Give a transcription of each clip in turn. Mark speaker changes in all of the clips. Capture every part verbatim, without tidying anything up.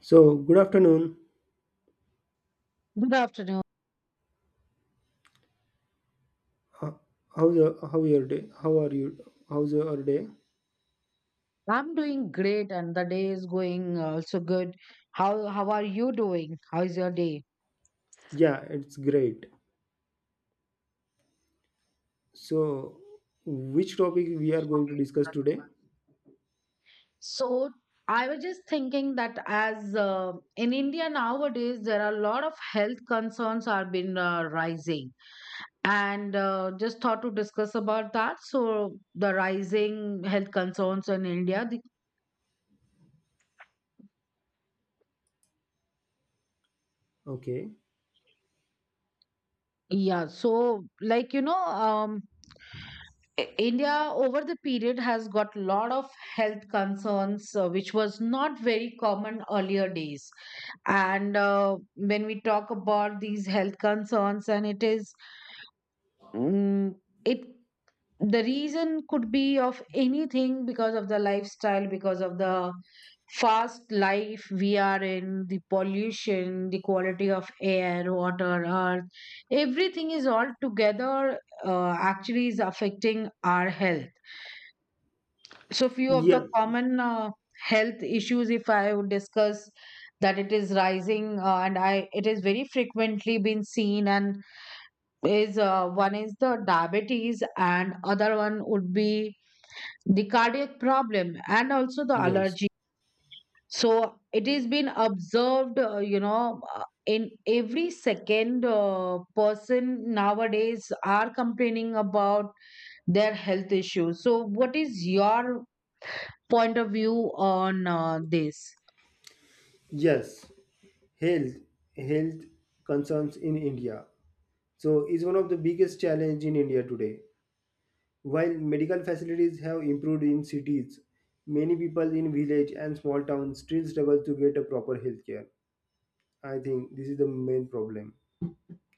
Speaker 1: So good afternoon.
Speaker 2: Good afternoon.
Speaker 1: Ho- How's your, how your day? How are you? How's your day?
Speaker 2: I'm doing great and the day is going also good. How how are you doing? How is your day?
Speaker 1: Yeah, it's great. So which topic we are going to discuss today?
Speaker 2: So I was just thinking that as uh, in India nowadays there are a lot of health concerns are been uh, rising and uh, just thought to discuss about that. So the rising health concerns in India. The,
Speaker 1: Okay.
Speaker 2: yeah. So like you know um I- India over the period has got lot of health concerns, uh, which was not very common earlier days. And uh, when we talk about these health concerns, and it is, mm, it the reason could be of anything, because of the lifestyle, because of the fast life we are in, the pollution, the quality of air, water, earth, everything is all together uh, actually is affecting our health. So few of the
Speaker 1: Yeah.
Speaker 2: common uh, health issues if I would discuss, that it is rising, uh, and I it is very frequently been seen and is uh, one is the diabetes and other one would be the cardiac problem and also the
Speaker 1: Yes.
Speaker 2: allergy. So it has been observed, uh, you know uh, in every second uh, person nowadays are complaining about their health issues. So what is your point of view on uh, this?
Speaker 1: Yes. Health health concerns in India. So is one of the biggest challenge in India today. While medical facilities have improved in cities, many people in village and small towns still struggle to get a proper health care. I think this is the main problem.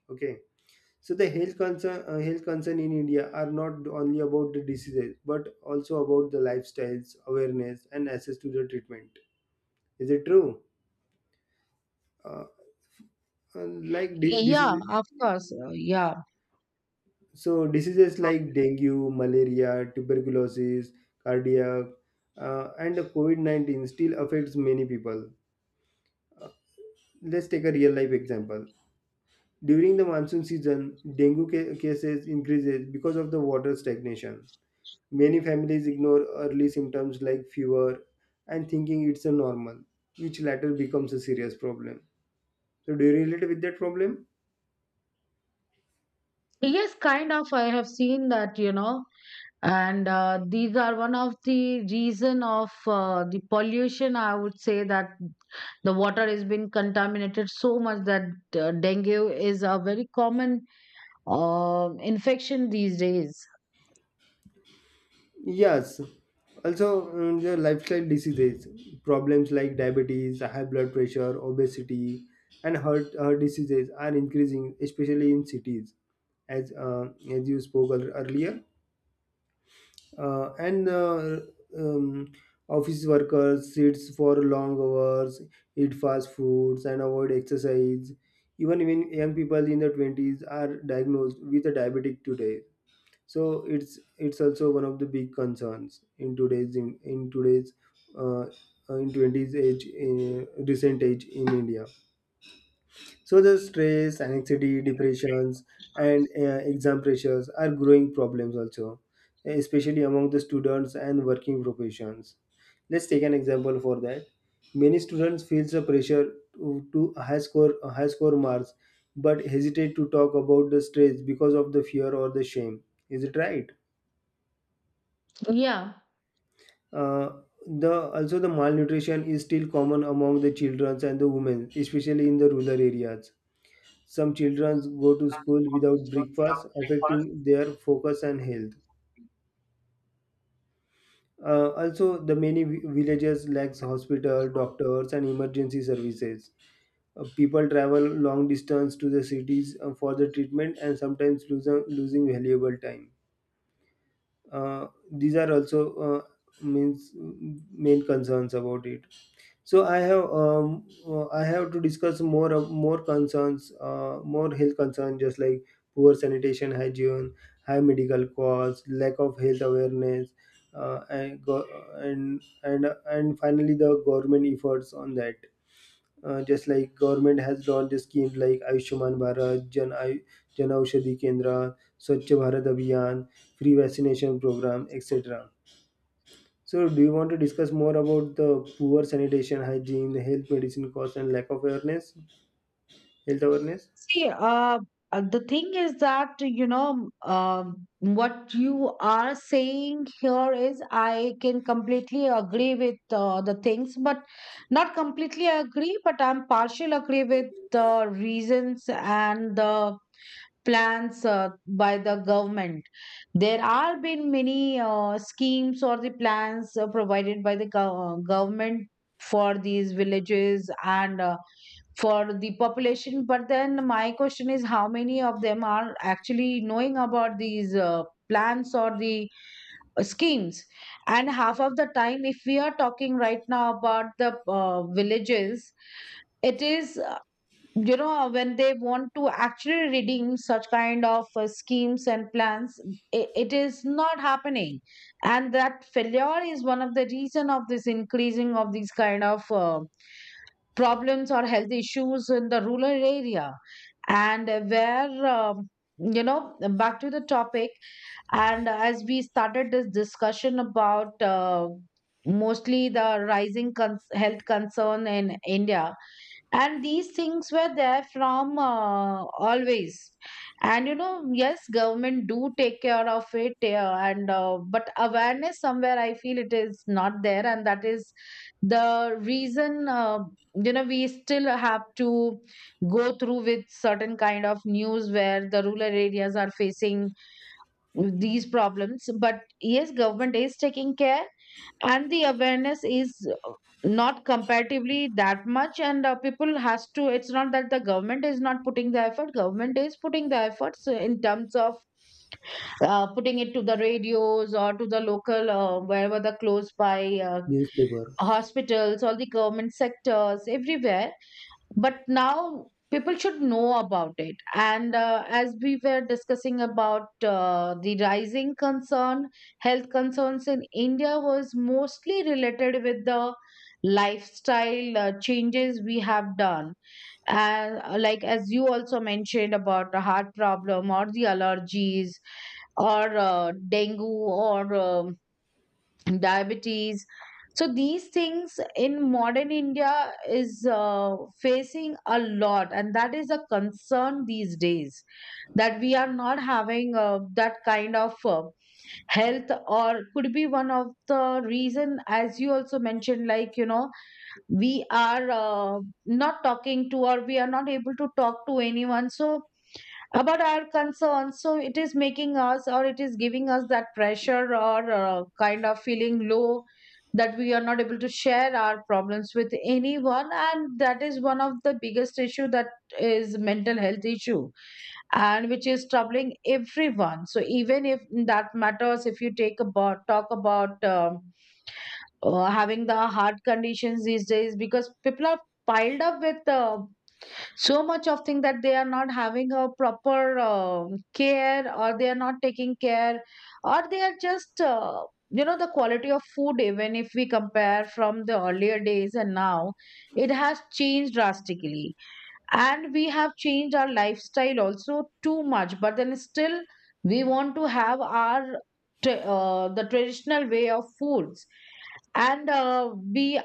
Speaker 1: Okay. So the health concern, uh, health concern in India are not only about the diseases, but also about the lifestyles, awareness, and access to the treatment. Is it true? Uh, uh, like di-
Speaker 2: Yeah,
Speaker 1: Diseases,
Speaker 2: of course, uh, yeah.
Speaker 1: so diseases like dengue, malaria, tuberculosis, cardiac, uh, and the COVID nineteen still affects many people. Let's take a real life example. During the monsoon season, dengue ca- cases increases because of the water stagnation. Many families ignore early symptoms like fever and thinking it's a normal, which later becomes a serious problem. So, do you relate with that problem?
Speaker 2: Yes, kind of. I have seen that, you know, and uh, these are one of the reason of uh, the pollution. I would say that the water has been contaminated so much that uh, dengue is a very common uh, infection these days.
Speaker 1: Yes. Also, mm, the lifestyle diseases, problems like diabetes, high blood pressure, obesity, and heart, heart diseases are increasing, especially in cities, as uh, as you spoke ear- earlier. Uh, and uh, um, Office workers sits for long hours, eat fast foods, and avoid exercise. Even even young people in their twenties are diagnosed with a diabetic today, so it's it's also one of the big concerns in today's in, in today's uh, uh, in twenties age in recent age in India. So the stress, anxiety, depressions, and uh, exam pressures are growing problems also, especially among the students and working professions. Let's take an example for that. Many students feel the pressure to, to high score high score marks, but hesitate to talk about the stress because of the fear or the shame. Is it right?
Speaker 2: Yeah.
Speaker 1: Uh, the also the malnutrition is still common among the children and the women, especially in the rural areas. Some children go to school without breakfast, affecting their focus and health. Uh, also, the many vi- villages lacks hospital, doctors, and emergency services. Uh, people travel long distance to the cities uh, for the treatment and sometimes losing losing valuable time. Uh, these are also uh, means mm, main concerns about it. So I have um, uh, I have to discuss more of more concerns, uh, more health concerns, just like poor sanitation hygiene, high medical costs, lack of health awareness, uh, and go- and and and finally the government efforts on that. Uh, just like government has launched schemes like Ayushman Bharat, Jan Ay- Jan Aushadhi Kendra, Swachh Bharat Abhiyan, free vaccination program, et cetera. So, do you want to discuss more about the poor sanitation, hygiene, the health medicine costs, and lack of awareness, health awareness?
Speaker 2: See, uh, uh, the thing is that, you know, um what you are saying here is I can completely agree with uh, the things, but not completely agree, but I'm partial agree with the reasons and the plans uh, by the government. There are been many uh, schemes or the plans uh, provided by the gov- uh, government for these villages and uh, for the population. But then my question is, how many of them are actually knowing about these uh, plans or the uh, schemes? And half of the time, if we are talking right now about the uh, villages, it is, you know, when they want to actually redeem such kind of uh, schemes and plans, it, it is not happening. And that failure is one of the reason of this increasing of these kind of uh, problems or health issues in the rural area. And uh, where um, you know Back to the topic. And as we started this discussion about uh, mostly the rising cons- health concern in India. And these things were there from uh, always. And you know, yes, government do take care of it, uh, and uh, but awareness somewhere I feel it is not there, and that is the reason uh, you know We still have to go through with certain kind of news where the rural areas are facing these problems. But yes, government is taking care and the awareness is uh, not comparatively that much. And uh, people has to, it's not that the government is not putting the effort, government is putting the efforts uh, in terms of uh, putting it to the radios or to the local, uh, wherever the close by uh,
Speaker 1: Newspaper.
Speaker 2: hospitals, all the government sectors, everywhere. But now people should know about it. And uh, as we were discussing about uh, the rising concern, health concerns in India was mostly related with the lifestyle uh, changes we have done. And uh, like as you also mentioned about the heart problem or the allergies or uh, dengue or um, diabetes. So these things in modern India is uh, facing a lot, and that is a concern these days, that we are not having uh, that kind of uh, health. Or could be one of the reason, as you also mentioned, like you know, we are uh, not talking to, or we are not able to talk to anyone, so about our concerns. So it is making us or it is giving us that pressure or uh, kind of feeling low, that we are not able to share our problems with anyone. And that is one of the biggest issue, that is mental health issue, and which is troubling everyone. So even if that matters, if you take about, talk about um, uh, having the heart conditions these days, because people are piled up with uh, so much of thing that they are not having a proper um care, or they are not taking care, or they are just uh, you know the quality of food, even if we compare from the earlier days and now, it has changed drastically. And we have changed our lifestyle also too much, but then still we want to have our tra- uh, the traditional way of foods. And uh, we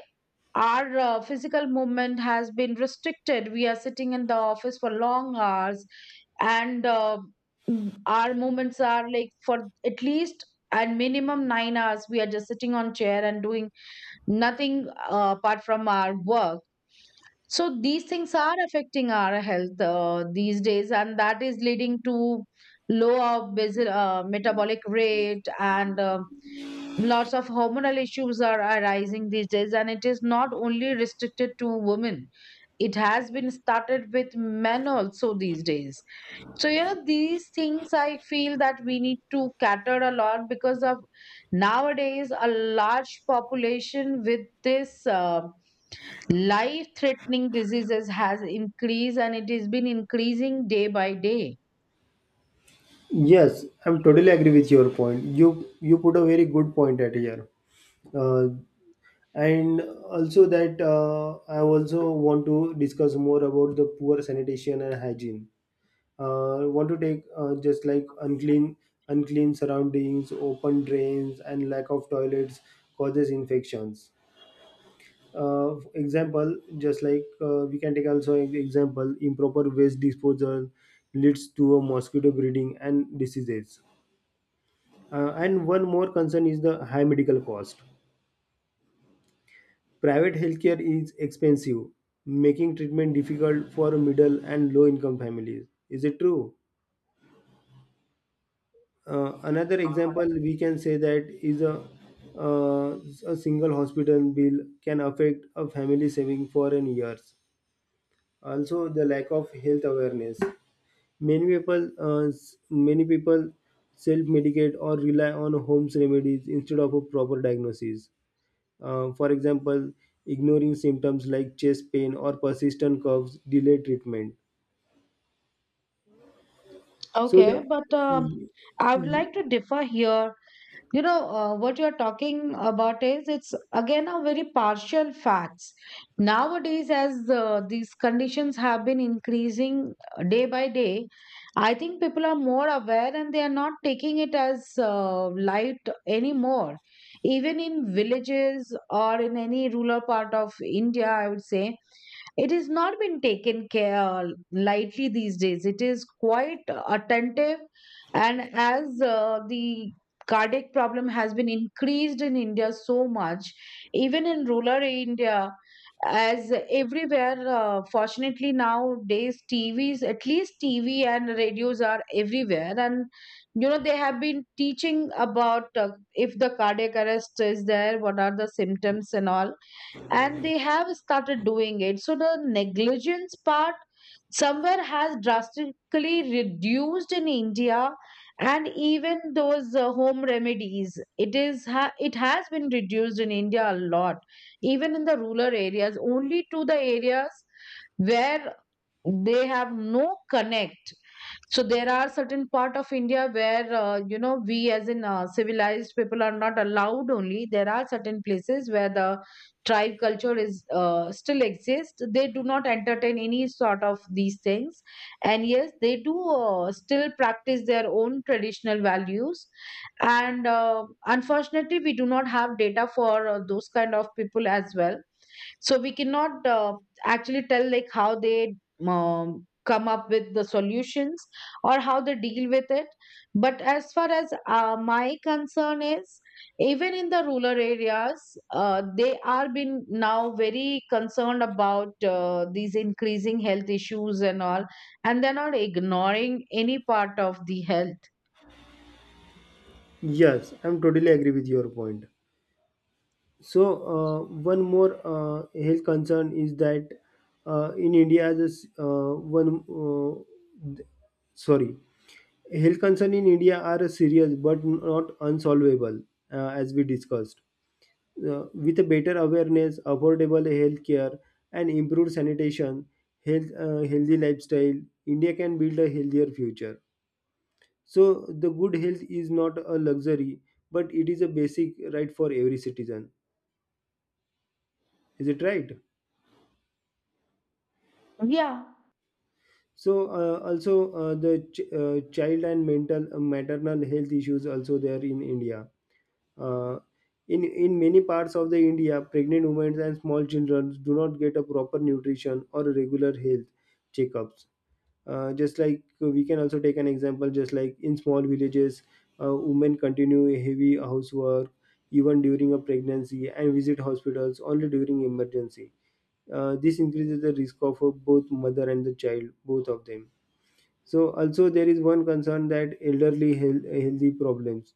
Speaker 2: our uh, physical movement has been restricted. We are sitting in the office for long hours, and uh, mm, our movements are like for at least and minimum nine hours. We are just sitting on chair and doing nothing uh, apart from our work. So these things are affecting our health uh, these days, and that is leading to lower basal, uh, metabolic rate. And uh, lots of hormonal issues are arising these days, and it is not only restricted to women, it has been started with men also these days. So you know, these things I feel that we need to cater a lot, because of nowadays a large population with this uh, life threatening diseases has increased, and it has been increasing day by day.
Speaker 1: Yes, I'm totally agree with your point. You you put a very good point at here, uh, and also that uh, I also want to discuss more about the poor sanitation and hygiene. Uh, I want to take uh, just like unclean unclean surroundings, open drains, and lack of toilets causes infections. Uh, example just like uh, we can take also an example, improper waste disposal leads to a mosquito breeding and diseases. Uh, and one more concern is the high medical cost, private healthcare is expensive, making treatment difficult for middle and low income families. Is it true? Uh, another example we can say that is a uh, a single hospital bill can affect a family saving for an years. Also the lack of health awareness. Many people, uh, s- many people self-medicate or rely on home remedies instead of a proper diagnosis. Uh, for example, ignoring symptoms like chest pain or persistent coughs delay treatment. So the
Speaker 2: Okay but um
Speaker 1: y-
Speaker 2: I would
Speaker 1: y-
Speaker 2: like to differ here. You know, uh, what you're talking about is it's again a very partial facts. Nowadays, as uh, these conditions have been increasing uh, day by day, I think people are more aware and they are not taking it as uh, light anymore, even in villages or in any rural part of India, I would say. It is not been taken care lightly these days. It is quite attentive. And as uh, the cardiac problem has been increased in India so much, even in rural India, as everywhere, uh, fortunately nowadays TVs, at least TV and radios are everywhere, and you know, they have been teaching about uh, if the cardiac arrest is there, what are the symptoms and all. And they have started doing it. So the negligence part somewhere has drastically reduced in India. And even those uh, home remedies, it is ha- it has been reduced in India a lot, even in the rural areas. Only to the areas where they have no connect. So there are certain part of India where, uh, you know, we as in uh, civilized people are not allowed. Only there are certain places where the tribe culture is uh, still exist. They do not entertain any sort of these things, and yes, they do uh, still practice their own traditional values. And uh, unfortunately, we do not have data for uh, those kind of people as well. So we cannot uh, actually tell like how they um, come up with the solutions or how they deal with it. But as far as uh, my concern is, even in the rural areas, uh, they are been now very concerned about uh, these increasing health issues and all, and they're not ignoring any part of the health.
Speaker 1: yes, I'm totally agree with your point. So uh, one more uh, health concern is that uh, in India, this uh, one uh, th- sorry. Health concerns in India are serious but not unsolvable, uh, as we discussed. Uh, with a better awareness, affordable health care, and improved sanitation, health, uh, healthy lifestyle, India can build a healthier future. So, the good health is not a luxury, but it is a basic right for every citizen. Is it right?
Speaker 2: Yeah.
Speaker 1: So, uh, also uh, the ch- uh, child and mental uh, maternal health issues also there in India. Uh, in in many parts of the India, pregnant women and small children do not get a proper nutrition or regular health checkups. Uh, just like uh, we can also take an example, just like in small villages, uh, women continue heavy housework even during a pregnancy and visit hospitals only during emergency. Uh, this increases the risk of uh, both mother and the child both of them. So also there is one concern that elderly health, healthy problems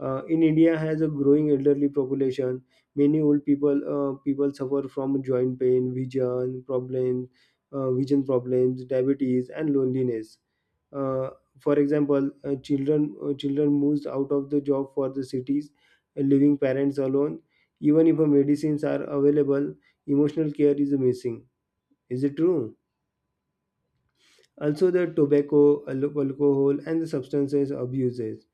Speaker 1: uh, in India has a growing elderly population. Many old people uh, people suffer from joint pain, vision problems, uh, vision problems, diabetes, and loneliness. Uh, for example, uh, children uh, children moves out of the job for the cities, uh, leaving parents alone. Even if uh, medicines are available, emotional care is missing. Is it true? Also, the tobacco, al- alcohol, and the substances abuses.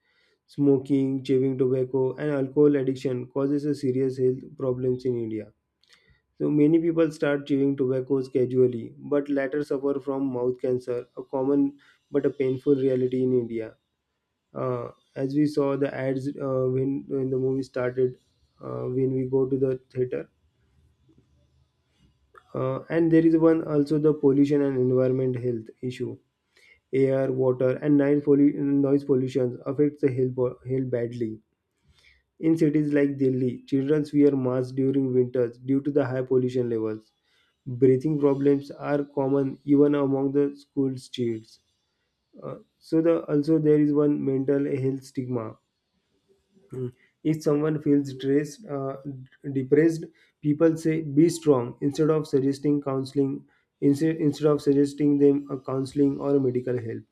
Speaker 1: Smoking, chewing tobacco, and alcohol addiction causes a serious health problems in India. So many people start chewing tobaccos casually, but later suffer from mouth cancer, a common but a painful reality in India. Uh, as we saw the ads uh, when when the movie started, uh, when we go to the theater, uh, and there is one also the pollution and environment health issue. Air, water, and night pollu- noise pollution affects the health, bo- health badly. In cities like Delhi, children wear masks during winters due to the high pollution levels. Breathing problems are common even among the school kids. Uh, so the also there is one mental health stigma. If someone feels stressed, uh, depressed, people say be strong instead of suggesting counseling, instead instead of suggesting them a counseling or a medical help.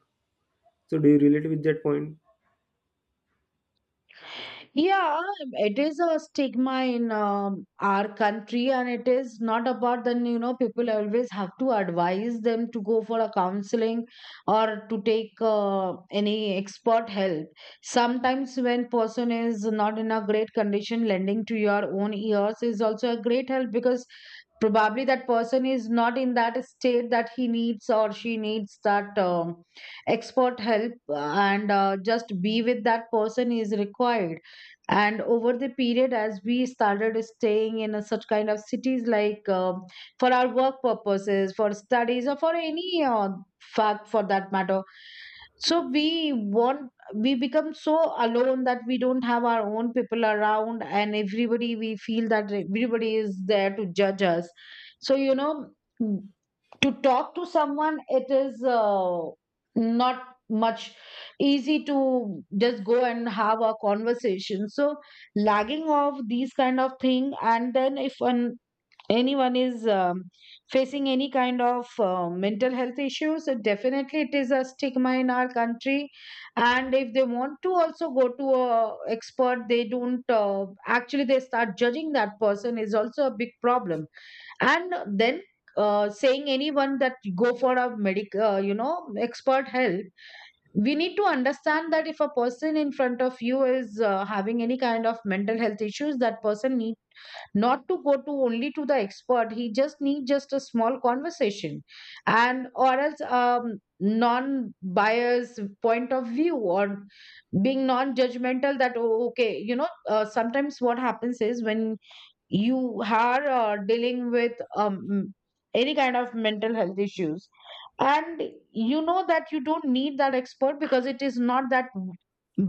Speaker 1: So do you relate with that point?
Speaker 2: Yeah, um, it is a stigma in um, our country, and it is not about then, you know, people always have to advise them to go for a counseling or to take uh, any expert help. Sometimes when person is not in a great condition, lending to your own ears is also a great help because probably that person is not in that state that he needs or she needs that um, expert help, uh, and uh, just be with that person is required, and over the period as we started staying in a such kind of cities like um for our work purposes, for studies, or for any uh, fact for that matter. So we want we become so alone that we don't have our own people around, and everybody, we feel that everybody is there to judge us. So you know, to talk to someone, it is uh, not much easy to just go and have a conversation. So lagging of these kind of thing, and then if an, anyone is um, facing any kind of uh, mental health issues, uh, definitely it is a stigma in our country. And if they want to also go to a expert, they don't, uh, actually they start judging that person is also a big problem. And then uh, saying anyone that go for a medic uh, you know, expert help, we need to understand that if a person in front of you is uh, having any kind of mental health issues, that person need not to go to only to the expert, he just need just a small conversation and or else um, non bias point of view, or being non judgmental. That oh, okay, you know, uh, sometimes what happens is when you are uh, dealing with um, any kind of mental health issues, and you know that you don't need that expert because it is not that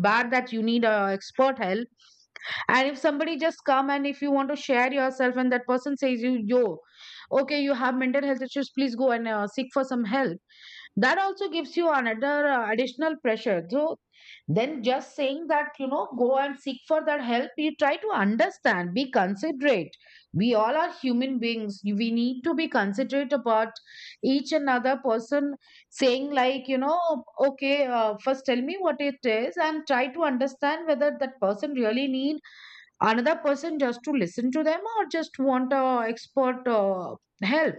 Speaker 2: bad that you need a expert help. And if somebody just come and if you want to share yourself, and that person says you, yo, okay, you have mental health issues, please go and uh, seek for some help, that also gives you another uh, additional pressure. So then just saying that you know go and seek for that help, you try to understand, be considerate. We all are human beings, we need to be considerate about each another person, saying like you know, okay, uh, first tell me what it is and try to understand whether that person really need another person just to listen to them or just want a expert uh, help.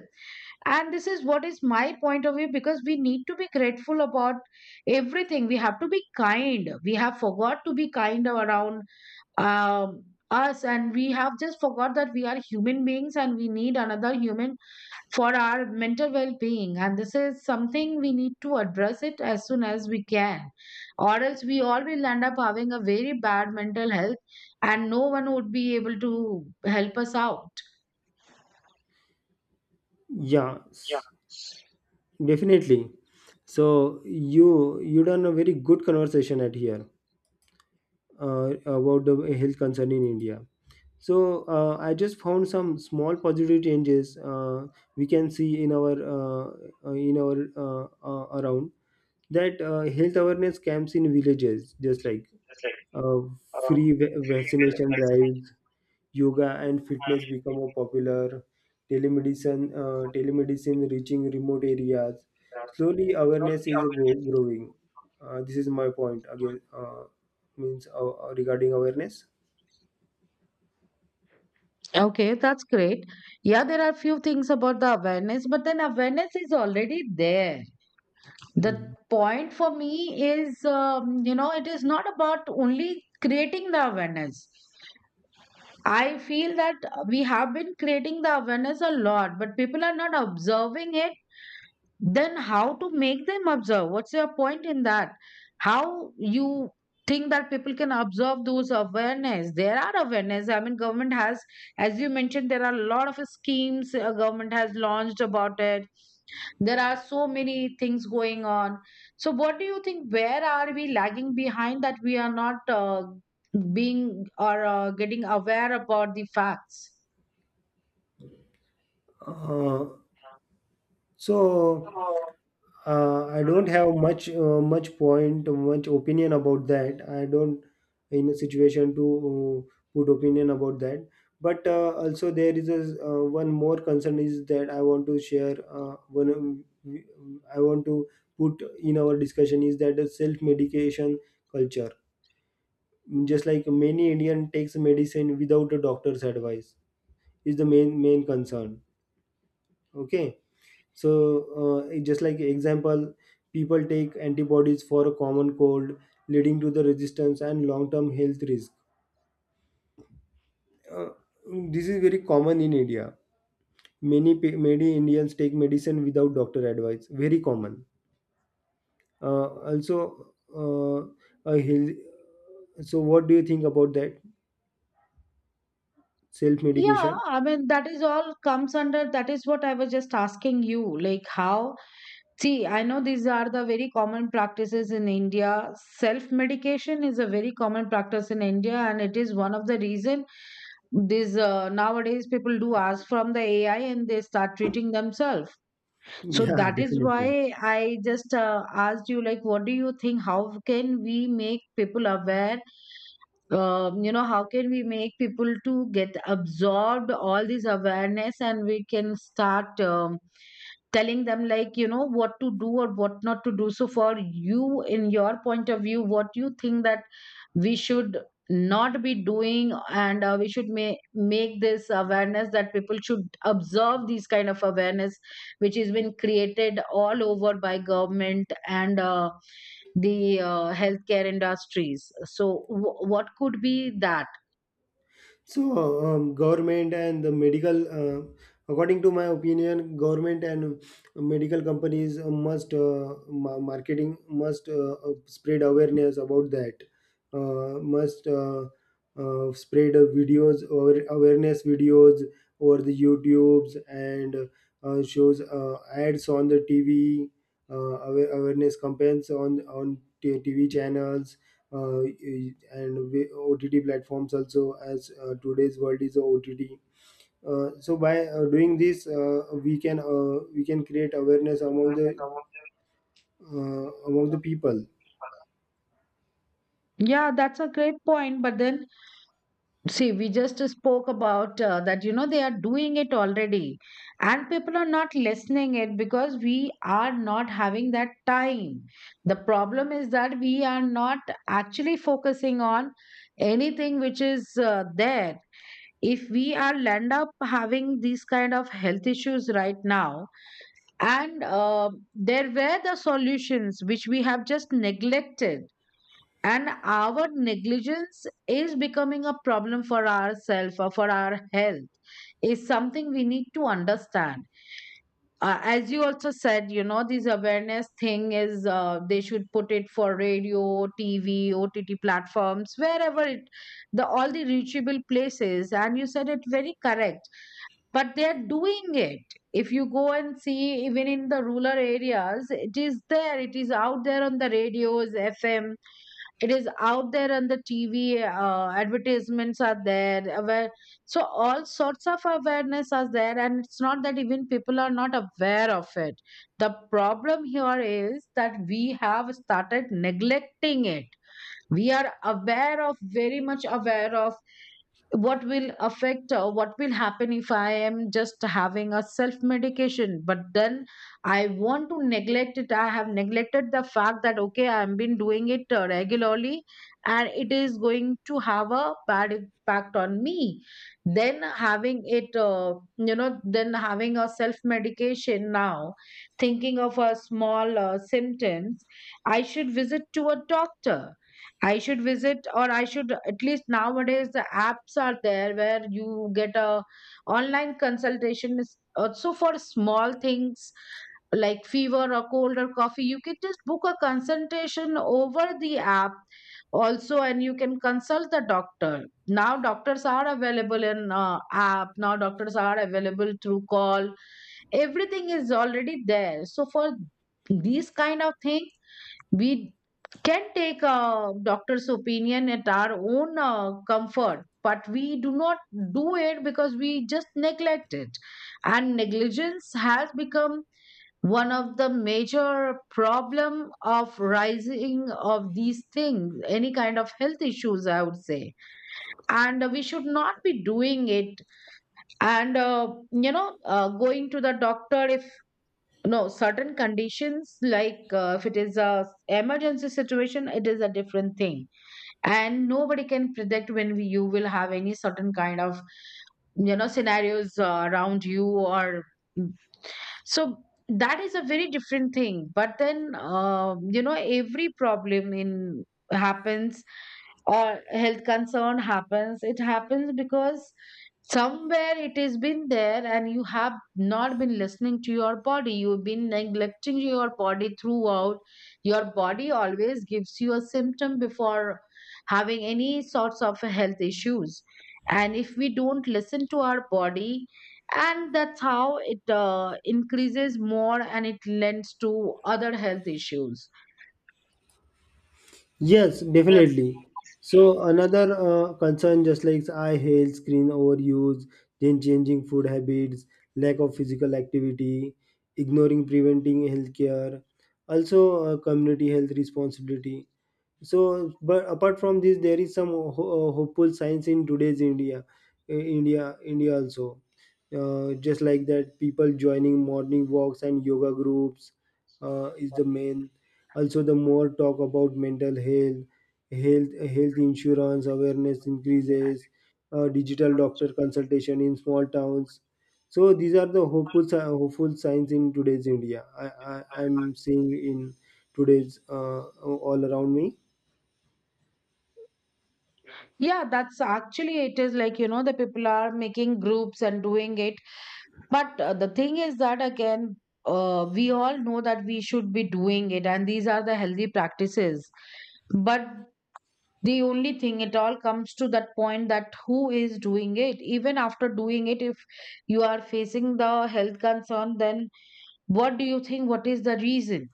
Speaker 2: And this is what is my point of view, because we need to be grateful about everything, we have to be kind. We have forgot to be kind around um, us, and we have just forgot that we are human beings and we need another human for our mental well-being. And this is something we need to address it as soon as we can, or else we all will end up having a very bad mental health and no one would be able to help us out.
Speaker 1: Yeah. Definitely. So you you done a very good conversation at here uh, about the health concern in India. So uh, I just found some small positive changes uh, we can see in our uh, uh, in our uh, uh, around that uh, health awareness camps in villages, just like uh, free va- vaccination drives, yoga and fitness become more popular, telemedicine, uh, telemedicine reaching remote areas. Slowly, awareness is go- growing. Uh, this is my point again, uh, means uh, regarding awareness.
Speaker 2: Okay, that's great. Yeah, there are few things about the awareness, but then awareness is already there. The point for me is, um, you know, it is not about only creating the awareness. I feel that we have been creating the awareness a lot, but people are not observing it. Then how to make them observe? What's your point in that? How you think that people can observe those awareness? There are awareness, I mean, government has, as you mentioned, there are a lot of schemes uh, government has launched about it. There are so many things going on. So what do you think, where are we lagging behind that we are not uh, being or uh, getting aware about the facts?
Speaker 1: Uh, so Uh, I don't have much uh, much point, much opinion about that. I don't in a situation to uh, put opinion about that. But uh, also there is a uh, one more concern is that I want to share. Uh, one I want to put in our discussion is that the self medication culture. Just like many Indian takes medicine without a doctor's advice is the main main concern. Okay, so uh, just like example, people take antibodies for a common cold leading to the resistance and long term health risk. Uh, this is very common in India, many pe- many Indians take medicine without doctor advice, very common. Uh, also uh, a health, so what do you think about that self
Speaker 2: Yeah,
Speaker 1: medication?
Speaker 2: I mean, that is all comes under, that is what I was just asking you, like how. See, I know these are the very common practices in India. Self medication is a very common practice in India, and it is one of the reason these uh, nowadays people do ask from the A I and they start treating themselves. So
Speaker 1: Yeah,
Speaker 2: that is
Speaker 1: definitely.
Speaker 2: why I just uh, asked you, like, what do you think? How can we make people aware? Um, you know, how can we make people to get absorbed all this awareness, and we can start um, telling them like you know what to do or what not to do. So for you, in your point of view, what you think that we should not be doing, and uh, we should ma- make this awareness that people should observe these kind of awareness, which has been created all over by government and uh, the uh, healthcare industries. So, w- what could be that?
Speaker 1: So, um, government and the medical, uh, according to my opinion, government and medical companies must uh, ma- marketing must uh, uh, spread awareness about that. Uh, must uh, uh, Spread uh, videos or awareness videos over the YouTubes and uh, shows uh, ads on the T V, uh, awa- awareness campaigns on on t- TV channels uh, and we- O T T platforms also as uh, today's world is a O T T. Uh, so by uh, doing this, uh, we can uh, we can create awareness among the uh, among the people.
Speaker 2: Yeah, that's a great point. But then, see, we just spoke about uh, that, you know, they are doing it already. And people are not listening it because we are not having that time. The problem is that we are not actually focusing on anything which is uh, there. If we are land up having these kind of health issues right now, and um there were the solutions which we have just neglected, and our negligence is becoming a problem for ourselves or for our health, is something we need to understand. Uh, as you also said, you know, this awareness thing is uh, they should put it for radio, TV, OTT platforms, wherever it, the all the reachable places, and you said it very correct. But they are doing it. If you go and see, even in the rural areas, it is there. It is out there on the radios, FM. It is out there on the TV, uh, advertisements are there, aware. So all sorts of awareness are there, and it's not that even people are not aware of it. The problem here is that we have started neglecting it. We are aware of, very much aware of what will affect, uh, what will happen if I am just having a self medication, but then I want to neglect it. I have neglected the fact that okay, I have been doing it uh, regularly, and it is going to have a bad impact on me. Then having it, uh, you know, then having a self medication, now thinking of a small uh, symptoms, I should visit to a doctor. I should visit, or I should at least, nowadays the apps are there where you get a online consultation is also for small things like fever or cold or coffee. You can just book a consultation over the app also, and you can consult the doctor. Now doctors are available in uh, app. Now doctors are available through call. Everything is already there. So for these kind of things, we can take a doctor's opinion at our own uh, comfort, but we do not do it because we just neglect it. And negligence has become one of the major problem of rising of these things, any kind of health issues, I would say. And uh, we should not be doing it. And uh, you know, uh, going to the doctor if. No, certain conditions, like uh, if it is a emergency situation, it is a different thing. And nobody can predict when we, you will have any certain kind of, you know, scenarios uh, around you, or mm. So that is a very different thing. But then, uh, you know, every problem in happens or health concern happens, it happens because somewhere it has been there and you have not been listening to your body. You've been neglecting your body throughout. Your body always gives you a symptom before having any sorts of health issues, and if we don't listen to our body, and that's how it uh, increases more and it lends to other health issues.
Speaker 1: Yes, definitely. So another uh, concern, just like eye health, screen overuse, then changing food habits, lack of physical activity, ignoring preventing healthcare, also uh, community health responsibility. So, but apart from this, there is some ho- ho- uh, hopeful signs in today's India, uh, India, India also. Uh, just like that, people joining morning walks and yoga groups uh, is the main, also the more talk about mental health health health insurance awareness increases, uh, digital doctor consultation in small towns. So these are the hopeful si- hopeful signs in today's India, I, I I'm seeing in today's uh, all around me.
Speaker 2: Yeah, that's actually, it is like, you know, the people are making groups and doing it. But uh, the thing is that, again, uh, we all know that we should be doing it, and these are the healthy practices. But the only thing, it all comes to that point that who is doing it? Even after doing it, if you are facing the health concern, then what do you think? What is the reason?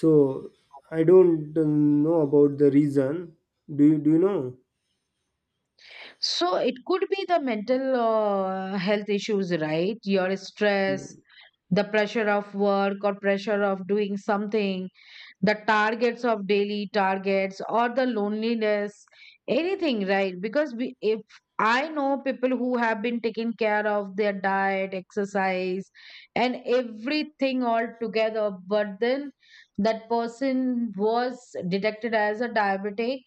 Speaker 1: So I don't uh, know about the reason, do you do you know?
Speaker 2: So it could be the mental uh, health issues, right? Your stress,
Speaker 1: Mm.
Speaker 2: the pressure of work or pressure of doing something, the targets of daily targets, or the loneliness, anything, right? Because we, if I know people who have been taking care of their diet, exercise, and everything all together, but then that person was detected as a diabetic,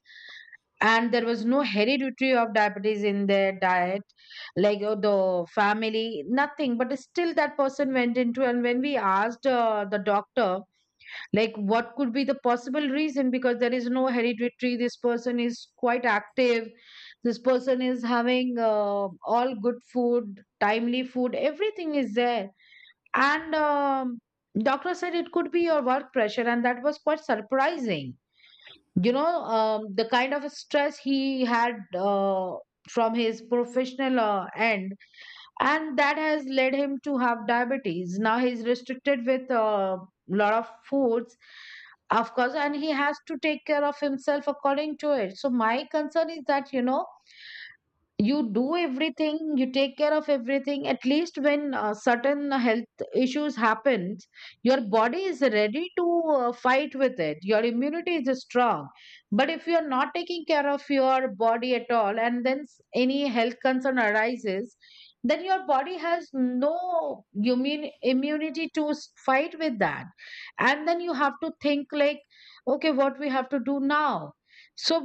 Speaker 2: and there was no hereditary of diabetes in their diet, like uh, the family, nothing, but still that person went into. And when we asked uh, the doctor, like, what could be the possible reason, because there is no hereditary, this person is quite active, this person is having uh, all good food, timely food, everything is there. And um, doctor said it could be your work pressure, and that was quite surprising. You know, um, the kind of stress he had uh, from his professional uh, end, and that has led him to have diabetes. Now he's restricted with a uh, lot of foods, of course, and he has to take care of himself according to it. So my concern is that, you know, you do everything, you take care of everything, at least when uh, certain health issues happens, your body is ready to uh, fight with it, your immunity is strong. But if you are not taking care of your body at all, and then s- any health concern arises, then your body has no immune, immunity to s- fight with that. And then you have to think like, okay, what we have to do now. So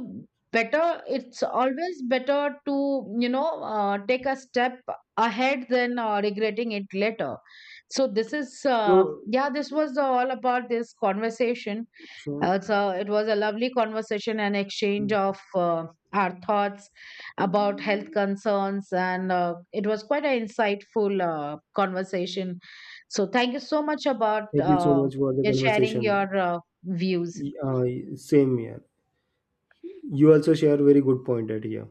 Speaker 2: better, it's always better to, you know, uh, take a step ahead than uh, regretting it later. So this is, uh,
Speaker 1: So
Speaker 2: yeah, this was all about this conversation.
Speaker 1: sure.
Speaker 2: Uh, so it was a lovely conversation and exchange of uh, our thoughts about health concerns, and uh, it was quite an insightful uh, conversation. So thank you so much about
Speaker 1: Thank you so
Speaker 2: uh,
Speaker 1: much for the
Speaker 2: sharing
Speaker 1: conversation.
Speaker 2: your uh, views
Speaker 1: Y- Uh, same here. You also share very good point at here.